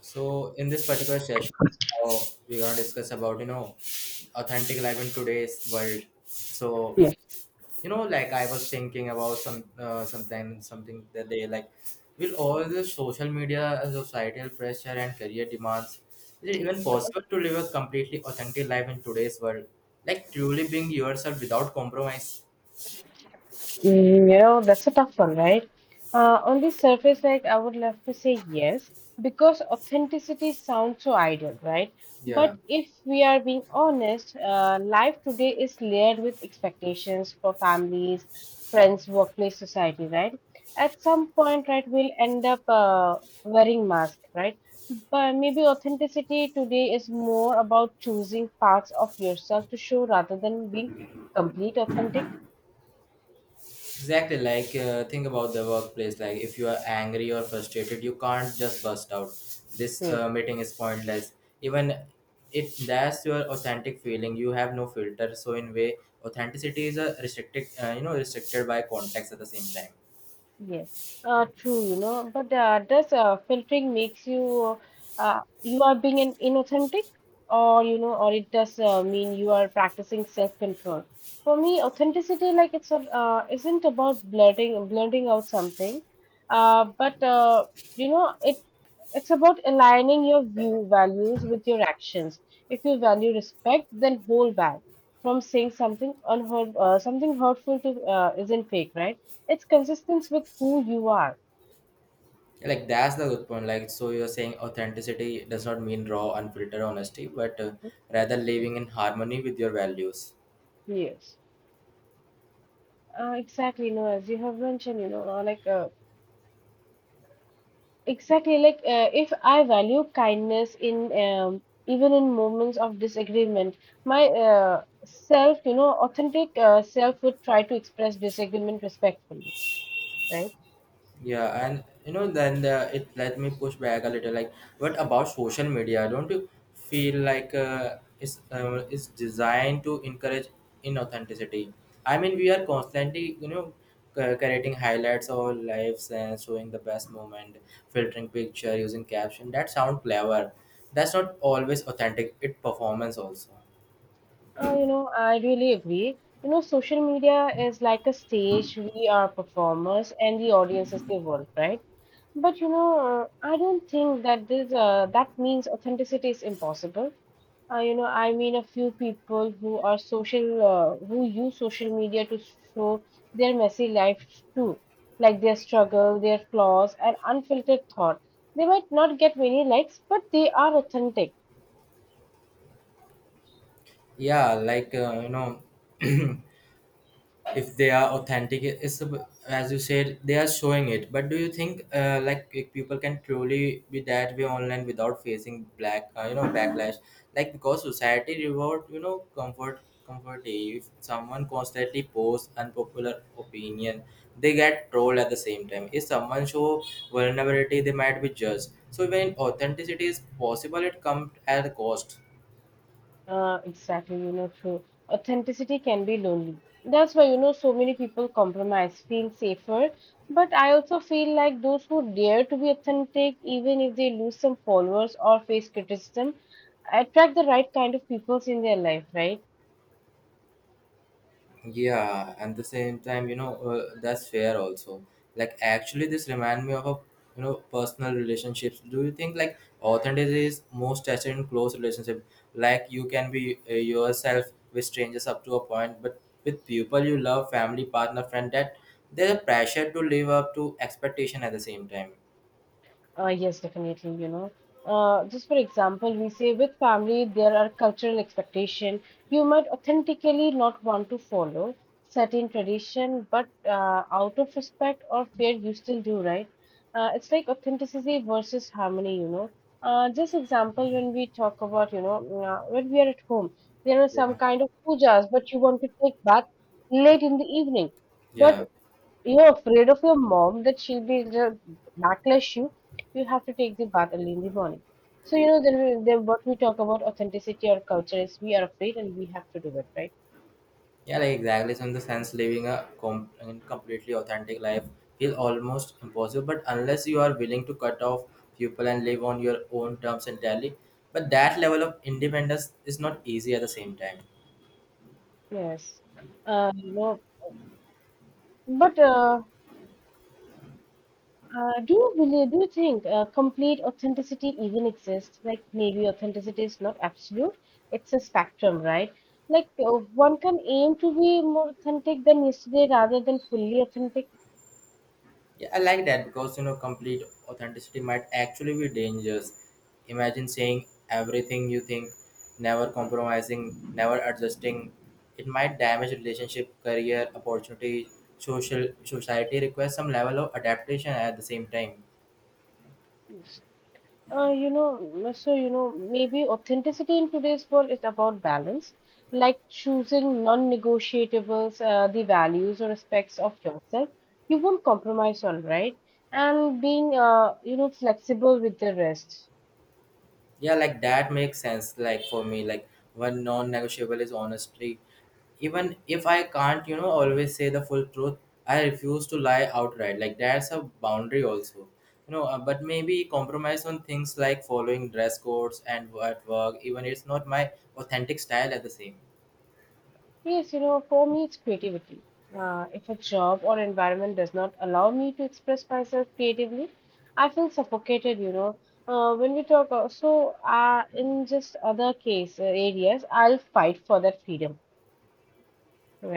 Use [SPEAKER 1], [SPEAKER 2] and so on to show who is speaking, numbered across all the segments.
[SPEAKER 1] So in this particular session, uh, we're gonna discuss about authentic life in today's world.
[SPEAKER 2] Yes.
[SPEAKER 1] I was thinking about some sometime something that they like. Will all the social media, societal pressure, and career demands, is it even possible to live a completely authentic life in today's world? Like truly being yourself without compromise.
[SPEAKER 2] Mm. That's a tough one, right? On the surface, like I would love to say yes, because authenticity sounds so ideal, right?
[SPEAKER 1] Yeah.
[SPEAKER 2] But if we are being honest, life today is layered with expectations for families, friends, workplace, society, right? At some point, right, we'll end up wearing masks, right? But maybe authenticity today is more about choosing parts of yourself to show rather than being complete authentic.
[SPEAKER 1] Exactly, like think about the workplace. Like if you are angry or frustrated, you can't just burst out. This
[SPEAKER 2] Hmm.
[SPEAKER 1] meeting is pointless. Even if that's your authentic feeling, you have no filter. So in way, authenticity is a restricted, restricted by context at the same time.
[SPEAKER 2] Yes, true, you know, but does filtering makes you you are being an inauthentic, or you know, or it does mean you are practicing self-control? For me, authenticity, like it's isn't about blurting out something, but you know, it's about aligning your view values with your actions. If you value respect, then hold back from saying something unheard, something hurtful to isn't fake, right? It's consistent with who you are.
[SPEAKER 1] Like that's the good point. Like so, you're saying authenticity does not mean raw, unfiltered honesty, but rather living in harmony with your values.
[SPEAKER 2] Yes. Exactly. No, as you have mentioned, if I value kindness in even in moments of disagreement, my self, you know, authentic self would try to express disagreement respectfully, right?
[SPEAKER 1] Yeah, and you know, then the, it let me push back a little. Like, what about social media? Don't you feel like it's designed to encourage inauthenticity? I mean, we are constantly, you know, creating highlights of our lives and showing the best moment, filtering picture, using caption. That sound clever. That's not always authentic. It performance also.
[SPEAKER 2] You know, I really agree. You know, social media is like a stage. We are performers, and the audience is the world, right? But you know, I don't think that this that means authenticity is impossible. You know, I mean, a few people who are social, who use social media to show their messy life too, like their struggle, their flaws, and unfiltered thought. They might not get many likes, but they are authentic.
[SPEAKER 1] Yeah, If they are authentic as you said they are showing it, but do you think like if people can truly be that way online without facing black you know, backlash, like because society reward, you know, comfort, if someone constantly posts unpopular opinion, they get trolled. At the same time, if someone show vulnerability, they might be judged. So when authenticity is possible, it comes at a cost.
[SPEAKER 2] Exactly, you know, true. Authenticity can be lonely. That's why, you know, so many people compromise, feel safer. But I also feel like those who dare to be authentic, even if they lose some followers or face criticism, attract the right kind of people in their life, right?
[SPEAKER 1] Yeah, and the same time, you know, that's fair also. Like, actually, this remind me of a, you know, personal relationships. Do you think like authenticity is most tested in close relationship? Like, you can be yourself with strangers up to a point, but with people you love, family, partner, friend, that there's a pressure to live up to expectation at the same time.
[SPEAKER 2] Yes, definitely, you know. Just for example, we say with family there are cultural expectation you might authentically not want to follow certain tradition, but out of respect or fear you still do, right? It's like authenticity versus harmony, you know. Just example when we talk about, you know, when we are at home, there are some
[SPEAKER 1] Yeah.
[SPEAKER 2] kind of pujas, but you want to take bath late in the evening. But
[SPEAKER 1] Yeah.
[SPEAKER 2] you're afraid of your mom that she'll be the backlash you, you have to take the bath early in the morning. So you know then, we, then what we talk about authenticity or culture is we are afraid and we have to do it, right?
[SPEAKER 1] Yeah, like exactly. So in the sense, living a com- and completely authentic life is almost impossible. But unless you are willing to cut off people and live on your own terms entirely, but that level of independence is not easy at the same time.
[SPEAKER 2] Yes. Uh, you know, but do you believe, do you think complete authenticity even exists? Like maybe authenticity is not absolute, it's a spectrum, right? Like one can aim to be more authentic than yesterday rather than fully authentic.
[SPEAKER 1] Yeah, I like that because, you know, complete authenticity might actually be dangerous. Imagine saying everything you think, never compromising, never adjusting. It might damage relationship, career, opportunity, social society requires some level of adaptation at the same time.
[SPEAKER 2] So you know, maybe authenticity in today's world is about balance, like choosing non-negotiables, the values or aspects of yourself you won't compromise on, right? And being, you know, flexible with the rest.
[SPEAKER 1] Yeah, like that makes sense. Like for me, like one non-negotiable is honesty. Even if I can't, you know, always say the full truth, I refuse to lie outright. Like that's a boundary also. You know, but maybe compromise on things like following dress codes and at work, even it's not my authentic style at the same.
[SPEAKER 2] Yes, you know, for me, it's creativity. If a job or environment does not allow me to express myself creatively, I feel suffocated, you know. When we talk So, in just other case areas, I'll fight for that freedom.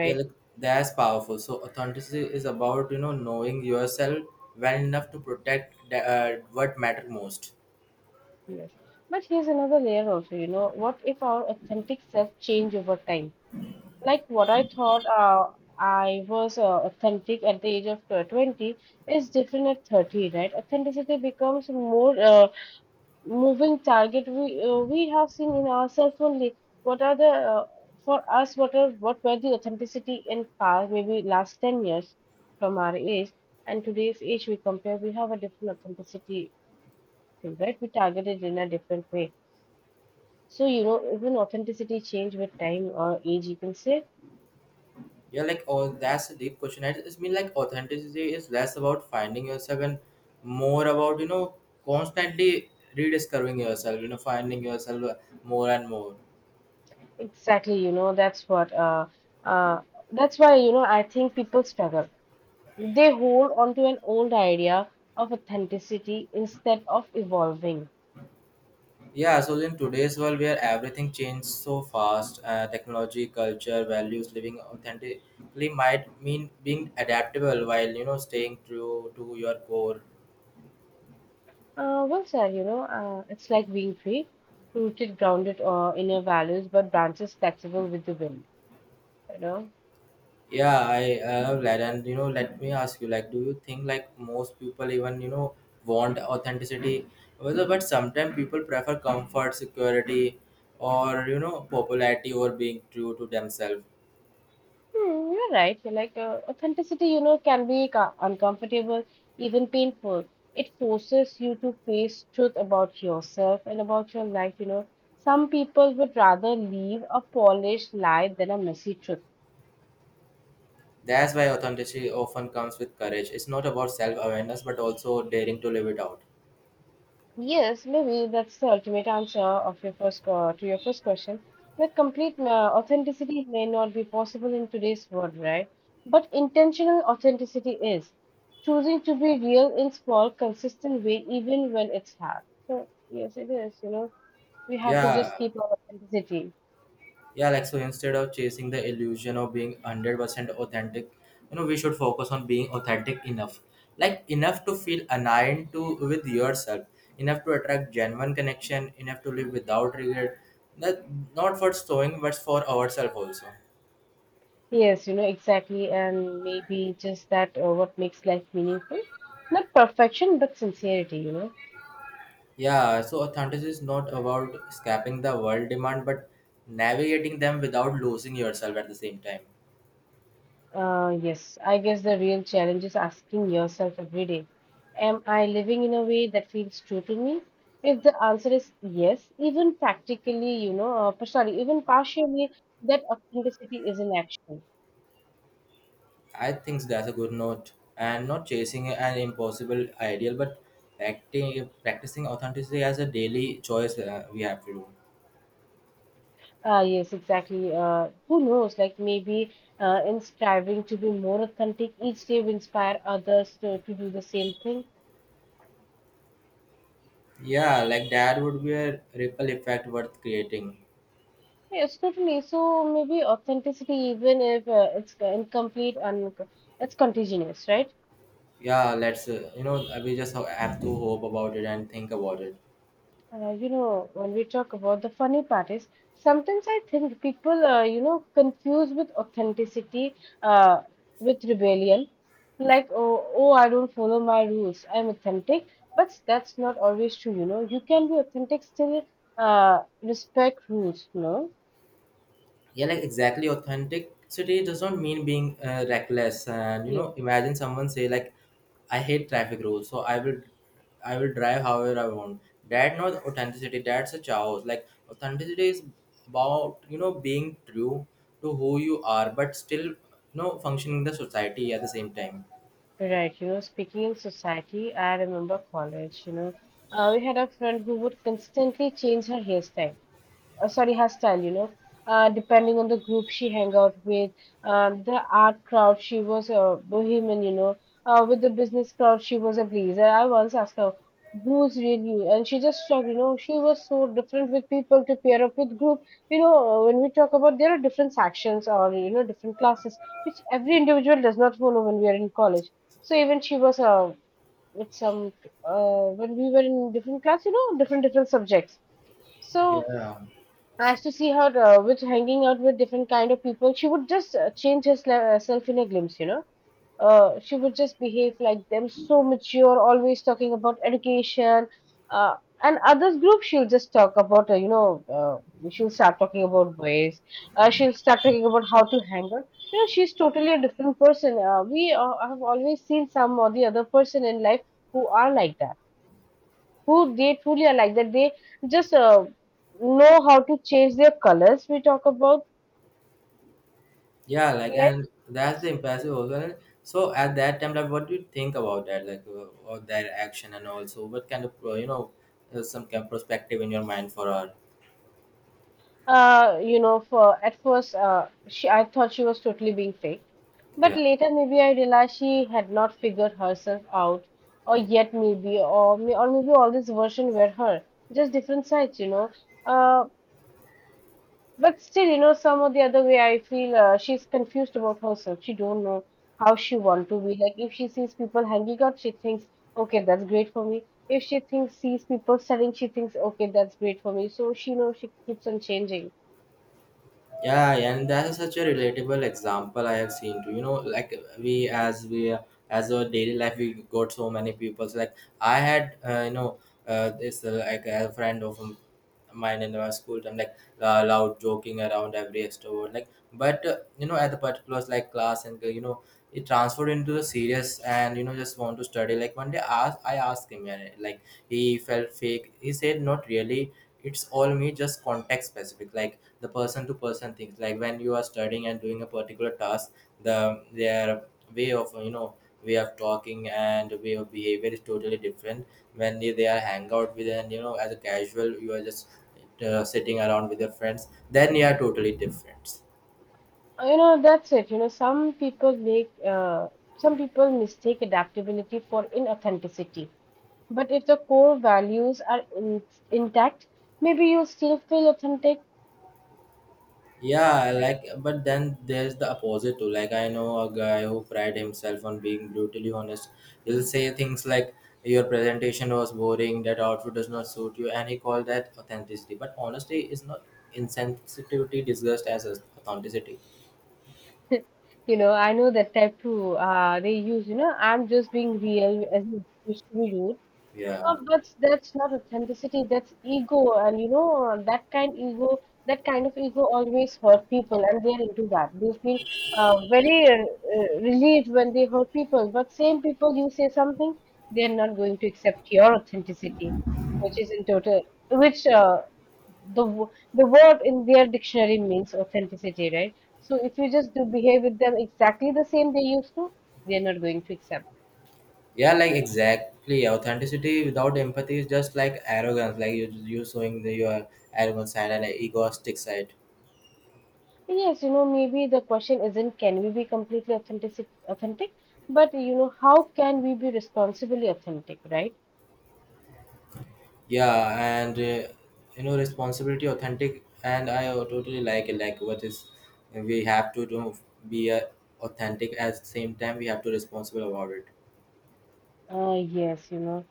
[SPEAKER 1] Yeah, like that's powerful. So authenticity is about, you know, knowing yourself well enough to protect what matter most.
[SPEAKER 2] Yes. But here's another layer also, you know, what if our authentic self change over time? Like what I thought I was authentic at the age of 20 is different at 30, right? Authenticity becomes more moving target we we have seen in ourselves only. What are uh, what were the authenticity in past maybe last 10 years from our age and today's age we compare we have a different authenticity thing, right? We target it in a different way. So, you know, even authenticity change with time or age, you can say
[SPEAKER 1] Yeah, like oh, that's a deep question. I just mean like authenticity is less about finding yourself and more about, you know, constantly rediscovering yourself. You know, finding yourself more and more.
[SPEAKER 2] exactly, you know, uh, that's why, you know, I think people struggle. They hold on to an old idea of authenticity instead of evolving.
[SPEAKER 1] Yeah, so in today's world where everything changes so fast, technology, culture, values, living authentically might mean being adaptable while, you know, staying true to your core.
[SPEAKER 2] Well, sir, you know, it's like being free, rooted, grounded in your values, but branches flexible with the wind, you know?
[SPEAKER 1] Yeah, I love. And you know, let me ask you, like, do you think like most people even, you know, want authenticity? Whether but sometimes people prefer comfort, security, or, you know, popularity over being true to themselves.
[SPEAKER 2] Hmm, you're right. You're like authenticity, you know, can be uncomfortable, even painful. It forces you to face truth about yourself and about your life. You know, some people would rather leave a polished lie than a messy truth.
[SPEAKER 1] That's why authenticity often comes with courage. It's not about self awareness, but also daring to live it out.
[SPEAKER 2] Yes, maybe that's the ultimate answer of your first to your first question. Like complete authenticity may not be possible in today's world, right? But intentional authenticity is choosing to be real in small, consistent way, even when it's hard. So yes, it is. You know, we have to just
[SPEAKER 1] Yeah.
[SPEAKER 2] keep our authenticity.
[SPEAKER 1] Yeah, like so instead of chasing the illusion of being 100% authentic, you know, we should focus on being authentic enough. Like enough to feel aligned to with yourself, enough to attract genuine connection, enough to live without regret. That not for showing, but for ourselves also.
[SPEAKER 2] Yes, you know exactly, and maybe just that what makes life meaningful. Not perfection, but sincerity. You know.
[SPEAKER 1] Yeah, so authenticity is not about escaping the world demand, but navigating them without losing yourself at the same time.
[SPEAKER 2] Yes, I guess the real challenge is asking yourself every day, am I living in a way that feels true to me? If the answer is yes, even practically, sorry, even partially, that authenticity is an action.
[SPEAKER 1] I think that's a good note. And not chasing an impossible ideal, but acting, practicing authenticity as a daily choice we have to do.
[SPEAKER 2] Yes, exactly. Who knows? Like maybe in striving to be more authentic, each day we inspire others to do the same thing.
[SPEAKER 1] Yeah, like that would be a ripple effect worth creating.
[SPEAKER 2] Yes, totally. So maybe authenticity, even if it's incomplete and it's contagious, right?
[SPEAKER 1] Yeah, you know, we just have to hope about it and think about it.
[SPEAKER 2] You know, when we talk about the funny part is sometimes I think people, you know, confuse with authenticity uh, with rebellion. Like, oh, I don't follow my rules. I'm authentic, but that's not always true. You know, you can be authentic still respect rules. You know.
[SPEAKER 1] Yeah, like exactly, authenticity does not mean being reckless. And you
[SPEAKER 2] Yeah,
[SPEAKER 1] know, imagine someone say like, I hate traffic rules, so I will drive however I want. That not authenticity, that's a chaos. Like authenticity is about, you know, being true to who you are, but still, you know, functioning in the society at the same time.
[SPEAKER 2] right. You know, speaking in society, I remember college. You know, we had a friend who would constantly change her hairstyle, sorry, her style, you know, depending on the group she hang out with, the art crowd, she was a bohemian, you know, with the business crowd, she was a pleaser. I once asked her, who's real you? And she just shocked, you know, she was so different with people to pair up with group. You know, when we talk about there are different sections or, you know, different classes, which every individual does not follow when we are in college. So even she was with some, when we were in different class, you know, different, subjects. So
[SPEAKER 1] Yeah.
[SPEAKER 2] I used to see her with hanging out with different kind of people. She would just change herself in a glimpse, you know. She would just behave like them, so mature, always talking about education. Uh, and others group, she'll just talk about, she'll start talking about boys. She'll start talking about how to hang out. You know, she's totally a different person. We have always seen some or the other person in life who are like that who they truly are like that they just know how to change their colors we talk about
[SPEAKER 1] Yeah, like,
[SPEAKER 2] like
[SPEAKER 1] and that's the impressive also. And so at that time, like, what do you think about that, like, or their action, and also what kind of, some kind of perspective in your mind for her?
[SPEAKER 2] you know for at first she I thought she was totally being fake but
[SPEAKER 1] Yeah.
[SPEAKER 2] later maybe I realized she had not figured herself out or yet maybe or maybe all this version were her just different sides you know uh, but still, you know, some of the other way, I feel she's confused about herself. She don't know how she want to be. Like if she sees people hanging out, she thinks, okay, that's great for me. If she thinks sees people selling, she thinks, okay, that's great for me. So she know she keeps on changing.
[SPEAKER 1] Yeah, and that is such a relatable example I have seen too. You know, like we as our daily life, we got so many people. So, like I had, you know, this like a friend of mine in my school time, like loud joking around every extrovert. Like, but, you know, at the particular like class and, you know, it transferred into the serious and, you know, just want to study. Like one day, ask I asked him, and like he felt fake. He said, not really, it's all me, just context specific. Like the person to person things, like when you are studying and doing a particular task, the their way of, you know, way of talking and way of behavior is totally different. When they are hang out with, and you know, as a casual you are just sitting around with your friends, then you are totally different.
[SPEAKER 2] You know, that's it. You know, some people make some people mistake adaptability for inauthenticity. But if the core values are in intact, maybe you still feel authentic.
[SPEAKER 1] Yeah, like, but then there's the opposite too. Like, I know a guy who pride himself on being brutally honest. He'll say things like, "Your presentation was boring. That outfit does not suit you," and he called that authenticity. But honesty is not insensitivity disguised as authenticity.
[SPEAKER 2] You know, I know that tattoo they use, you know, I'm just being real as it used to be
[SPEAKER 1] Yeah.
[SPEAKER 2] but that's not authenticity, that's ego. And you know, that kind of ego always hurt people, and they are into that. They feel very relieved when they hurt people. But same people, you say something, they are not going to accept your authenticity, which is in total, which the word in their dictionary means authenticity, right? So if you just do behave with them exactly the same they used to, they are not going to accept.
[SPEAKER 1] Yeah, like exactly. Authenticity without empathy is just like arrogance. Like you showing the, your arrogant side and egoistic side.
[SPEAKER 2] Yes, you know, maybe the question isn't can we be completely authentic, but you know, how can we be responsibly authentic, right?
[SPEAKER 1] Yeah, and you know, responsibility authentic, and I totally like it. Like what is, we have to do, be authentic. At the same time, we have to responsible about it.
[SPEAKER 2] Yes, you know,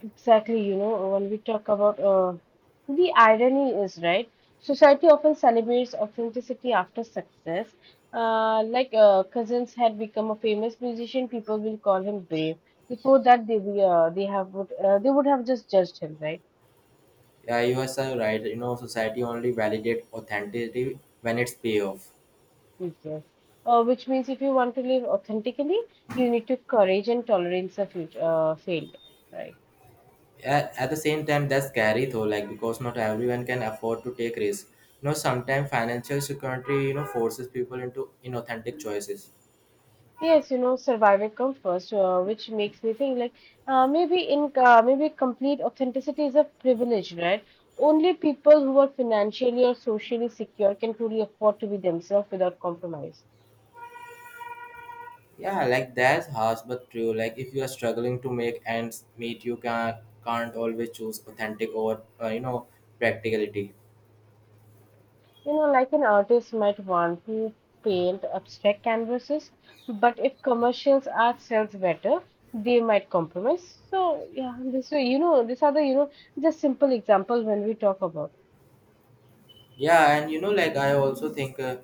[SPEAKER 2] exactly. You know, when we talk about the irony is right. Society often celebrates authenticity after success. Cousins had become a famous musician, people will call him brave. Before that, they be, they have would they would have just judged him, right?
[SPEAKER 1] Yeah, you are so right, you know, society only validate authenticity when it's payoff.
[SPEAKER 2] Yes. Which means if you want to live authentically, you need to courage and tolerance of future, failed, right?
[SPEAKER 1] At the same time, that's scary though, like because not everyone can afford to take risk. You know, sometimes financial security, you know, forces people into inauthentic choices.
[SPEAKER 2] Yes, you know, survival comes first, which makes me think like maybe complete authenticity is a privilege, right? Only people who are financially or socially secure can truly afford to be themselves without compromise.
[SPEAKER 1] Yeah, like that's harsh but true. Like if you are struggling to make ends meet, you can't always choose authentic over you know, practicality.
[SPEAKER 2] You know, like an artist might want to paint abstract canvases, but if commercials art sells better, they might compromise. So yeah, this way, you know, these are the just simple example when we talk about.
[SPEAKER 1] Yeah, and you know, like I also think uh,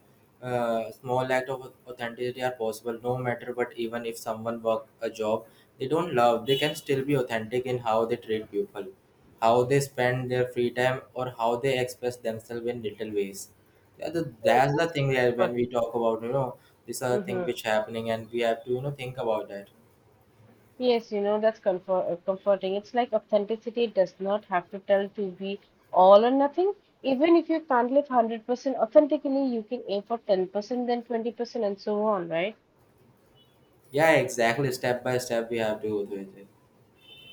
[SPEAKER 1] uh, small act of authenticity are possible no matter what. Even if someone work a job they don't love, they can still be authentic in how they treat people, how they spend their free time, or how they express themselves in little ways. Yeah,
[SPEAKER 2] Yes,
[SPEAKER 1] that's the
[SPEAKER 2] that's
[SPEAKER 1] thing that when we
[SPEAKER 2] comforting.
[SPEAKER 1] talk about, you know, these are the thing
[SPEAKER 2] Mm-hmm.
[SPEAKER 1] which happening, and we have to, you know, think about that.
[SPEAKER 2] Yes, you know, that's comforting. It's like authenticity does not have to tell to be all or nothing. Even if you can't live 100% authentically, you can aim for 10%, then 20%, and so on, right?
[SPEAKER 1] Yeah, exactly. Step by step, we have to go through it.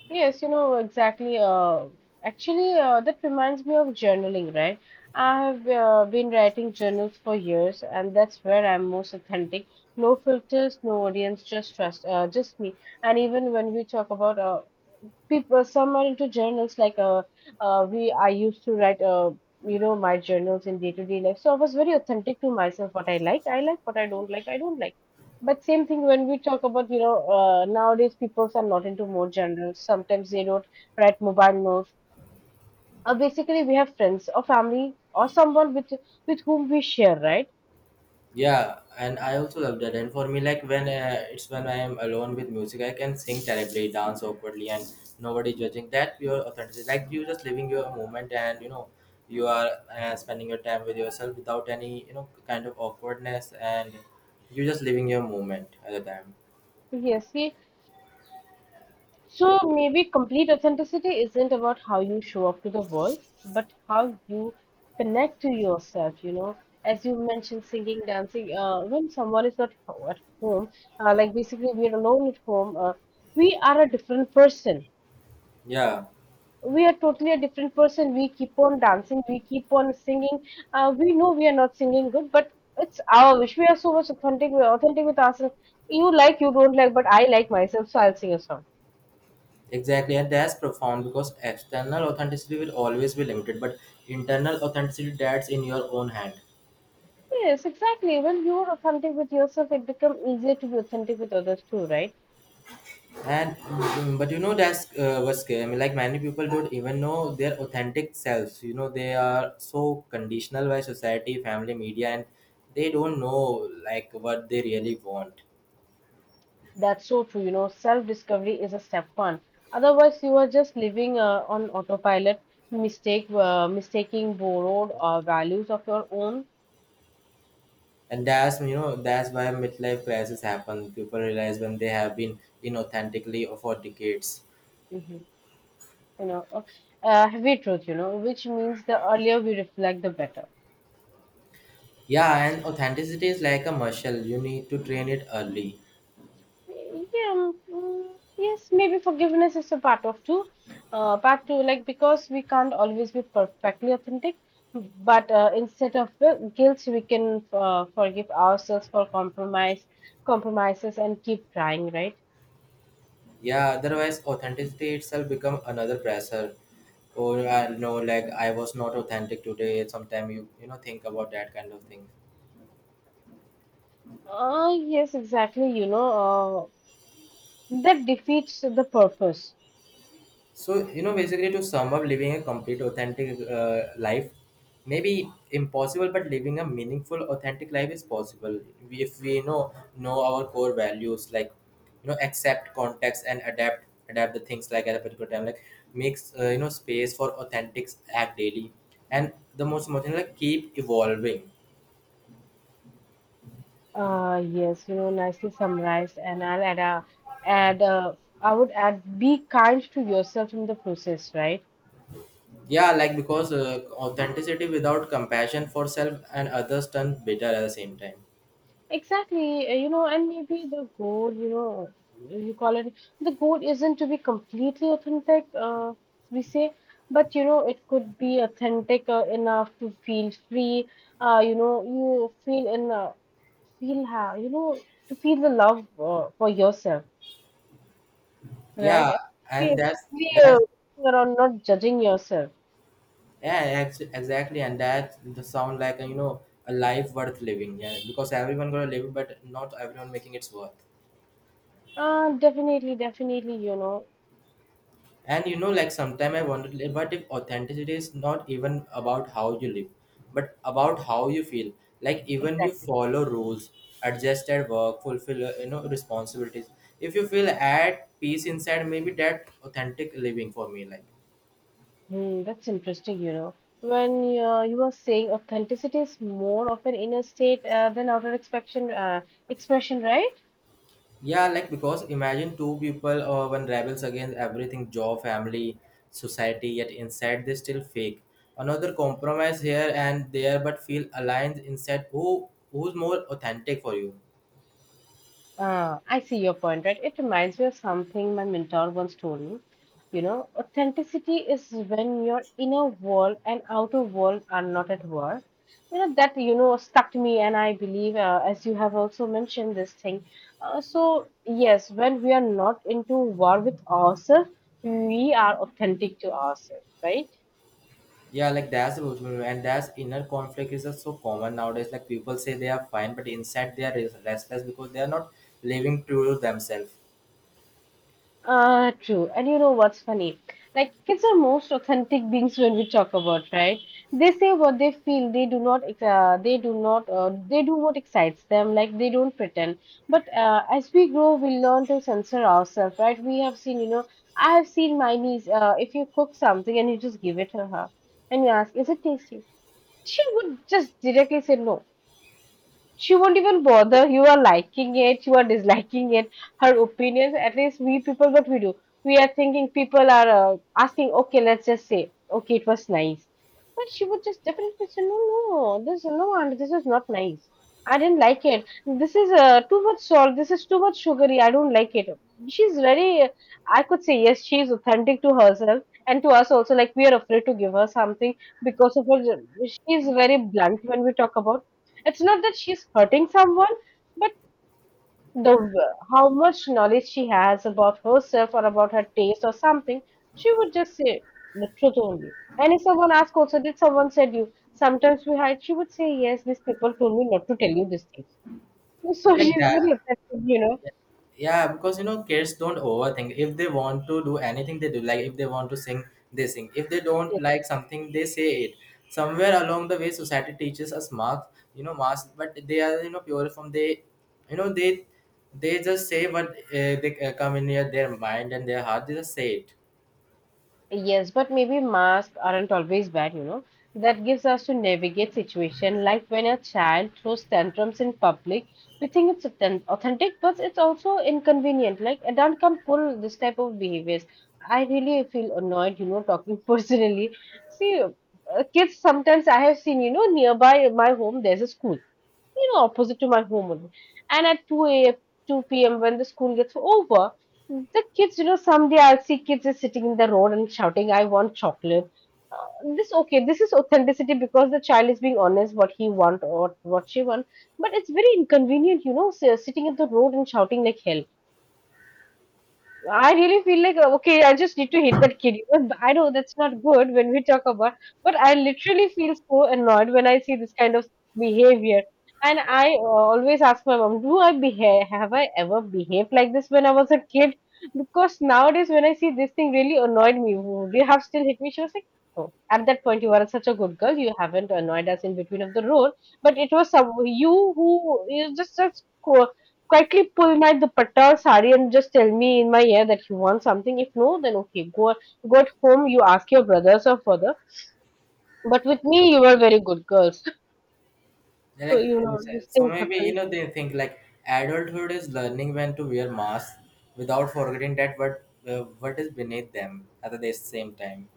[SPEAKER 2] Yes, you know exactly. Actually, that reminds me of journaling, right? I have been writing journals for years, and that's where I'm most authentic. No filters, no audience, just me. And even when we talk about people some are into journals like we I used to write you know my journals in day-to-day life, so I was very authentic to myself. What I like, I like. What I don't like, I don't like. But same thing when we talk about, you know, nowadays people are not into more journals. Sometimes they don't write mobile notes. Basically we have friends or family or someone with whom we share, right?
[SPEAKER 1] Yeah, and I also love that. And for me, like when it's when I am alone with music, I can sing terribly, dance awkwardly, and nobody judging. That pure authenticity, like you just living your moment, and you know, you are spending your time with yourself without any, you know, kind of awkwardness, and you just living your moment at the time.
[SPEAKER 2] Yes. So maybe complete authenticity isn't about how you show up to the world, but how you connect to yourself, you know. As you mentioned, singing, dancing, when someone is not ho- at home, like basically we are alone at home, we are a different person.
[SPEAKER 1] Yeah,
[SPEAKER 2] We are totally a different person. We keep on dancing, we keep on singing. We know we are not singing good, but it's our wish. We are so much authentic, we are authentic with ourselves. You like, you don't like, but I like myself, so I'll sing a song.
[SPEAKER 1] exactly, and that's profound because external authenticity will always be limited, but internal authenticity that's in your own hand.
[SPEAKER 2] Yes, exactly. When you're authentic with yourself, it becomes easier to be authentic with others too, right?
[SPEAKER 1] And mm, but you know, that's what's scary. I mean, like many people don't even know their authentic selves. You know, they are so conditional by society, family, media, and they don't know like what they really want.
[SPEAKER 2] That's so true. You know, self-discovery is a step one. Otherwise, you are just living on autopilot, mistaking borrowed values of your own.
[SPEAKER 1] And that's, you know, that's why midlife crisis happen. People realize when they have been inauthentically for decades.
[SPEAKER 2] Hmm. You know, heavy truth, you know, which means the earlier we reflect, the better.
[SPEAKER 1] Yeah, and authenticity is like a muscle. You need to train it early.
[SPEAKER 2] Yeah, mm, yes, maybe forgiveness is a part of two, part two, like because we can't always be perfectly authentic, but instead of the guilt, we can forgive ourselves for compromises, and keep trying, right?
[SPEAKER 1] Yeah, otherwise authenticity itself become another pressure, or I know, like, I was not authentic today sometime you know think about that kind of thing.
[SPEAKER 2] Yes, exactly. You know, that defeats the purpose.
[SPEAKER 1] So, you know, basically to sum up, living a complete, authentic life may be impossible, but living a meaningful, authentic life is possible. If we you know our core values, like, you know, accept context and adapt the things like at a particular time, like makes you know space for authentic act daily, and the most important, like, keep evolving.
[SPEAKER 2] Yes, you know, nicely summarized. And I'll add, uh, I would add, be kind to yourself in the process, right?
[SPEAKER 1] Yeah, like because authenticity without compassion for self and others turn bitter at the same time.
[SPEAKER 2] Exactly, you know, and maybe the goal, you know, you call it the goal isn't to be completely authentic, we say, but you know, it could be authentic enough to feel free, you know, you feel in, feel how, you know, to feel the love for yourself, right?
[SPEAKER 1] Yeah, and
[SPEAKER 2] Yes,
[SPEAKER 1] that's
[SPEAKER 2] clear,
[SPEAKER 1] that's
[SPEAKER 2] around not judging yourself.
[SPEAKER 1] Yeah, exactly, and that the sound like you know a life worth living. Yeah, because everyone gonna live, but not everyone making it's worth.
[SPEAKER 2] Definitely, definitely, you know,
[SPEAKER 1] And you know, like sometimes I wonder, like, what if authenticity is not even about how you live, but about how you feel. Like even you
[SPEAKER 2] exactly.
[SPEAKER 1] follow rules, adjust at work, fulfill you know responsibilities. If you feel at peace inside, maybe that authentic living for me, like.
[SPEAKER 2] Hmm, that's interesting, you know. When you were saying authenticity is more of an inner state than outer expression, right?
[SPEAKER 1] Yeah, like because imagine two people, or one rebels against everything, job, family, society, yet inside they still fake. Another compromise here and there but feel aligned inside, who's more authentic for you.
[SPEAKER 2] I see your point, right? It reminds me of something my mentor once told me. You know, authenticity is when your inner world and outer world are not at war. You know, that, you know, stuck to me, and I believe, as you have also mentioned this thing. So, yes, when we are not into war with ourselves, we are authentic to ourselves, right?
[SPEAKER 1] Yeah, like that's the problem, and that's inner conflict is just so common nowadays. Like people say they are fine but inside they are restless because they are not living true to themselves.
[SPEAKER 2] True. And you know what's funny? Like, kids are most authentic beings when we talk about, right? They say what they feel. They do not, ex- they do not, They do what excites them. Like, they don't pretend. But as we grow, we learn to censor ourselves, right? We have seen, you know, I have seen my niece. If you cook something and you just give it to her and you ask, is it tasty? She would just directly say no. She won't even bother, you are liking it, you are disliking it, her opinions. At least we people, what we do, we are thinking people are asking, okay, let's just say, okay, it was nice. But she would just definitely say no, no, this no, and this is not nice. I didn't like it. This is too much salt, this is too much sugary, I don't like it. She's very, I could say, yes, she is authentic to herself and to us also. Like we are afraid to give her something because of her. She is very blunt when we talk about. It's not that she's hurting someone, but the how much knowledge she has about herself or about her taste or something, she would just say the truth only. And if someone asks also, did someone said you? Sometimes we hide. She would say, yes, these people told me not to tell you this thing.
[SPEAKER 1] Yeah,
[SPEAKER 2] So
[SPEAKER 1] like
[SPEAKER 2] she's
[SPEAKER 1] that.
[SPEAKER 2] very effective, you know.
[SPEAKER 1] Yeah, because you know kids don't overthink. If they want to do anything, they do. Like if they want to sing, they sing. If they don't like something, they say it. Somewhere along the way, society teaches us marks, you know, marks, but they are, you know, pure from they, you know, they just say what they come in here, their mind and their heart. They just say it.
[SPEAKER 2] Yes, but maybe masks aren't always bad, you know. That gives us to navigate situation like when a child throws tantrums in public, we think it's authentic, but it's also inconvenient. Like adult can pull this type of behaviors. I really feel annoyed, you know, talking personally. See, kids sometimes I have seen, you know, nearby my home there's a school, you know, opposite to my home only. And at 2 a.m., 2 p.m., when the school gets over, the kids, you know, someday I'll see kids is sitting in the road and shouting, I want chocolate. This okay, this is authenticity because the child is being honest what he want or what she want, but it's very inconvenient, you know, sitting in the road and shouting like hell. I really feel like okay, I just need to hit that kid. You know, I know that's not good when we talk about, but I literally feel so annoyed when I see this kind of behavior. And I always ask my mom, do I behave? Have I ever behaved like this when I was a kid? Because nowadays, when I see this thing, really annoyed me. Would you have still hit me? She was like, oh, at that point, you were such a good girl. You haven't annoyed us in between of the road. But it was some you who you just such quietly pull my dupatta or sari and just tell me in my ear that you want something. If no, then okay, go at home. You ask your brothers or father. But with me, you were very good girls.
[SPEAKER 1] They
[SPEAKER 2] So
[SPEAKER 1] like,
[SPEAKER 2] you know these
[SPEAKER 1] so
[SPEAKER 2] things
[SPEAKER 1] maybe you
[SPEAKER 2] happen.
[SPEAKER 1] know they think like adulthood is learning when to wear masks without forgetting that what, what is beneath them at the same time.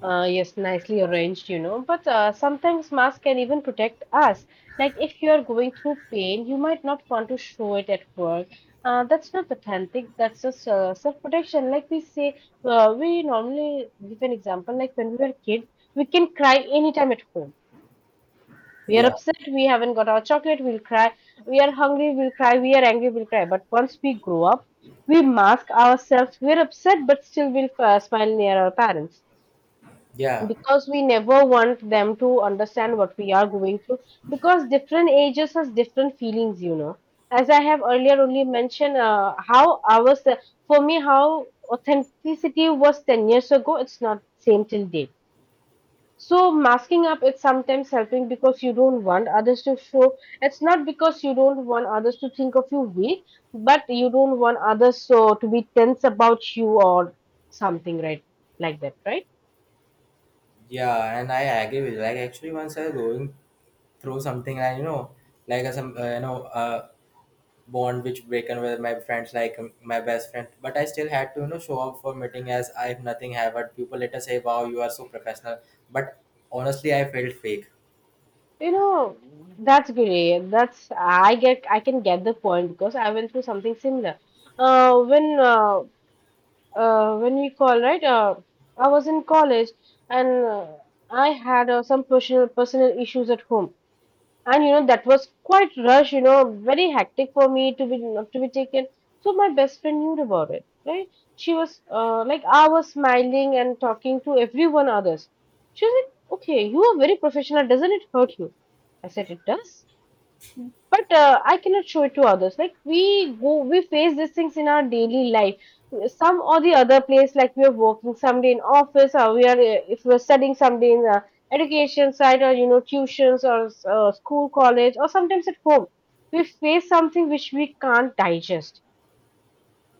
[SPEAKER 2] Yes, nicely arranged, you know. But sometimes masks can even protect us. Like if you are going through pain, you might not want to show it at work. That's not authentic. That's just self-protection. Like we say, we normally give an example. Like when we were kids, we can cry anytime at home. We are
[SPEAKER 1] Yeah.
[SPEAKER 2] upset, we haven't got our chocolate, we'll cry. We are hungry, we'll cry. We are angry, we'll cry. But once we grow up, we mask ourselves. We're upset, but still we'll smile near our parents
[SPEAKER 1] Yeah,
[SPEAKER 2] because we never want them to understand what we are going through because different ages has different feelings, you know. As I have earlier only mentioned, how I was, for me, how authenticity was 10 years ago, it's not same till date. So masking up is sometimes helping because you don't want others to show. It's not because you don't want others to think of you weak, but you don't want others so to be tense about you or something, right? Like that, right?
[SPEAKER 1] yeah, and I agree with you. Like actually, once I was going through something, I you know, like a, some you know, bond which broken with my friends, like my best friend. But I still had to you know show up for meeting as I have nothing have. But people later say, "Wow, you are so professional." But honestly, I felt fake.
[SPEAKER 2] You know, that's great. That's I get. I can get the point because I went through something similar. Uh, when uh, when we call right, I was in college and I had some personal issues at home, and you know that was quite rush, you know, very hectic for me to be not to be taken. So my best friend knew about it, right? She was like, I was smiling and talking to everyone others. She was like, okay, you are very professional, doesn't it hurt you? I said it does, but I cannot show it to others. Like we go, we face these things in our daily life, some or the other place. Like we are working someday in office, or we are if we're studying someday in the education side, or you know, tuitions or school, college, or sometimes at home, we face something which we can't digest,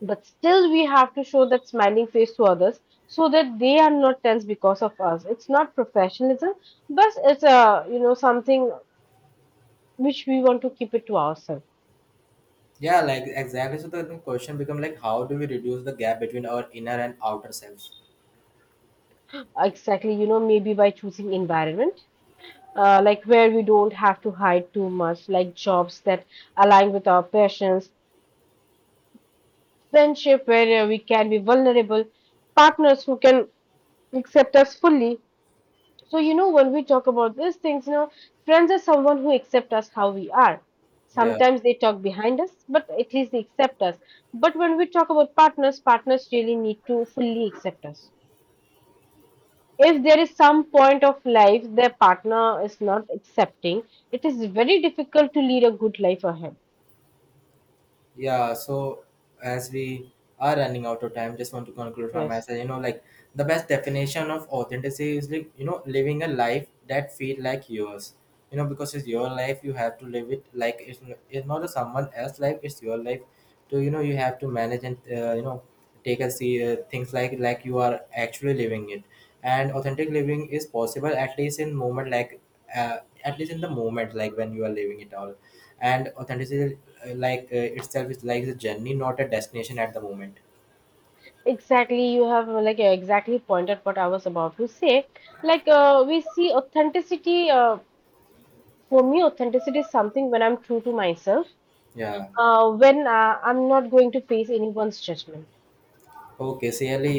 [SPEAKER 2] but still we have to show that smiling face to others so that they are not tense because of us. It's not professionalism, but it's a you know, something which we want to keep it to ourselves.
[SPEAKER 1] Yeah, like exactly. So the question become like, how do we reduce the gap between our inner and outer self?
[SPEAKER 2] Exactly, you know, maybe by choosing environment, like where we don't have to hide too much, like jobs that align with our passions, friendship where we can be vulnerable, partners who can accept us fully. So, you know, when we talk about these things, you know, friends are someone who accept us how we are.
[SPEAKER 1] Yeah.
[SPEAKER 2] Sometimes they talk behind us, but at least they accept us. But when we talk about partners, partners really need to fully accept us. If there is some point of life their partner is not accepting, it is very difficult to lead a good life ahead.
[SPEAKER 1] Yeah, so as we are running out of time, just want to conclude from my
[SPEAKER 2] Yes,
[SPEAKER 1] side. You know, like the best definition of authenticity is like you know living a life that feel like yours. You know, because it's your life, you have to live it like it's, it's not a someone else's life. It's your life, so you know you have to manage and you know take a see things like you are actually living it, and authentic living is possible at least in moment like, uh, at least in the moment like when you are living it all, and authenticity, like, itself is like a journey, not a destination at the moment.
[SPEAKER 2] exactly. You have exactly pointed what I was about to say. Like we see authenticity. For me, authenticity is something when I'm true to myself.
[SPEAKER 1] Yeah,
[SPEAKER 2] When I'm not going to face anyone's judgment
[SPEAKER 1] okay, see you.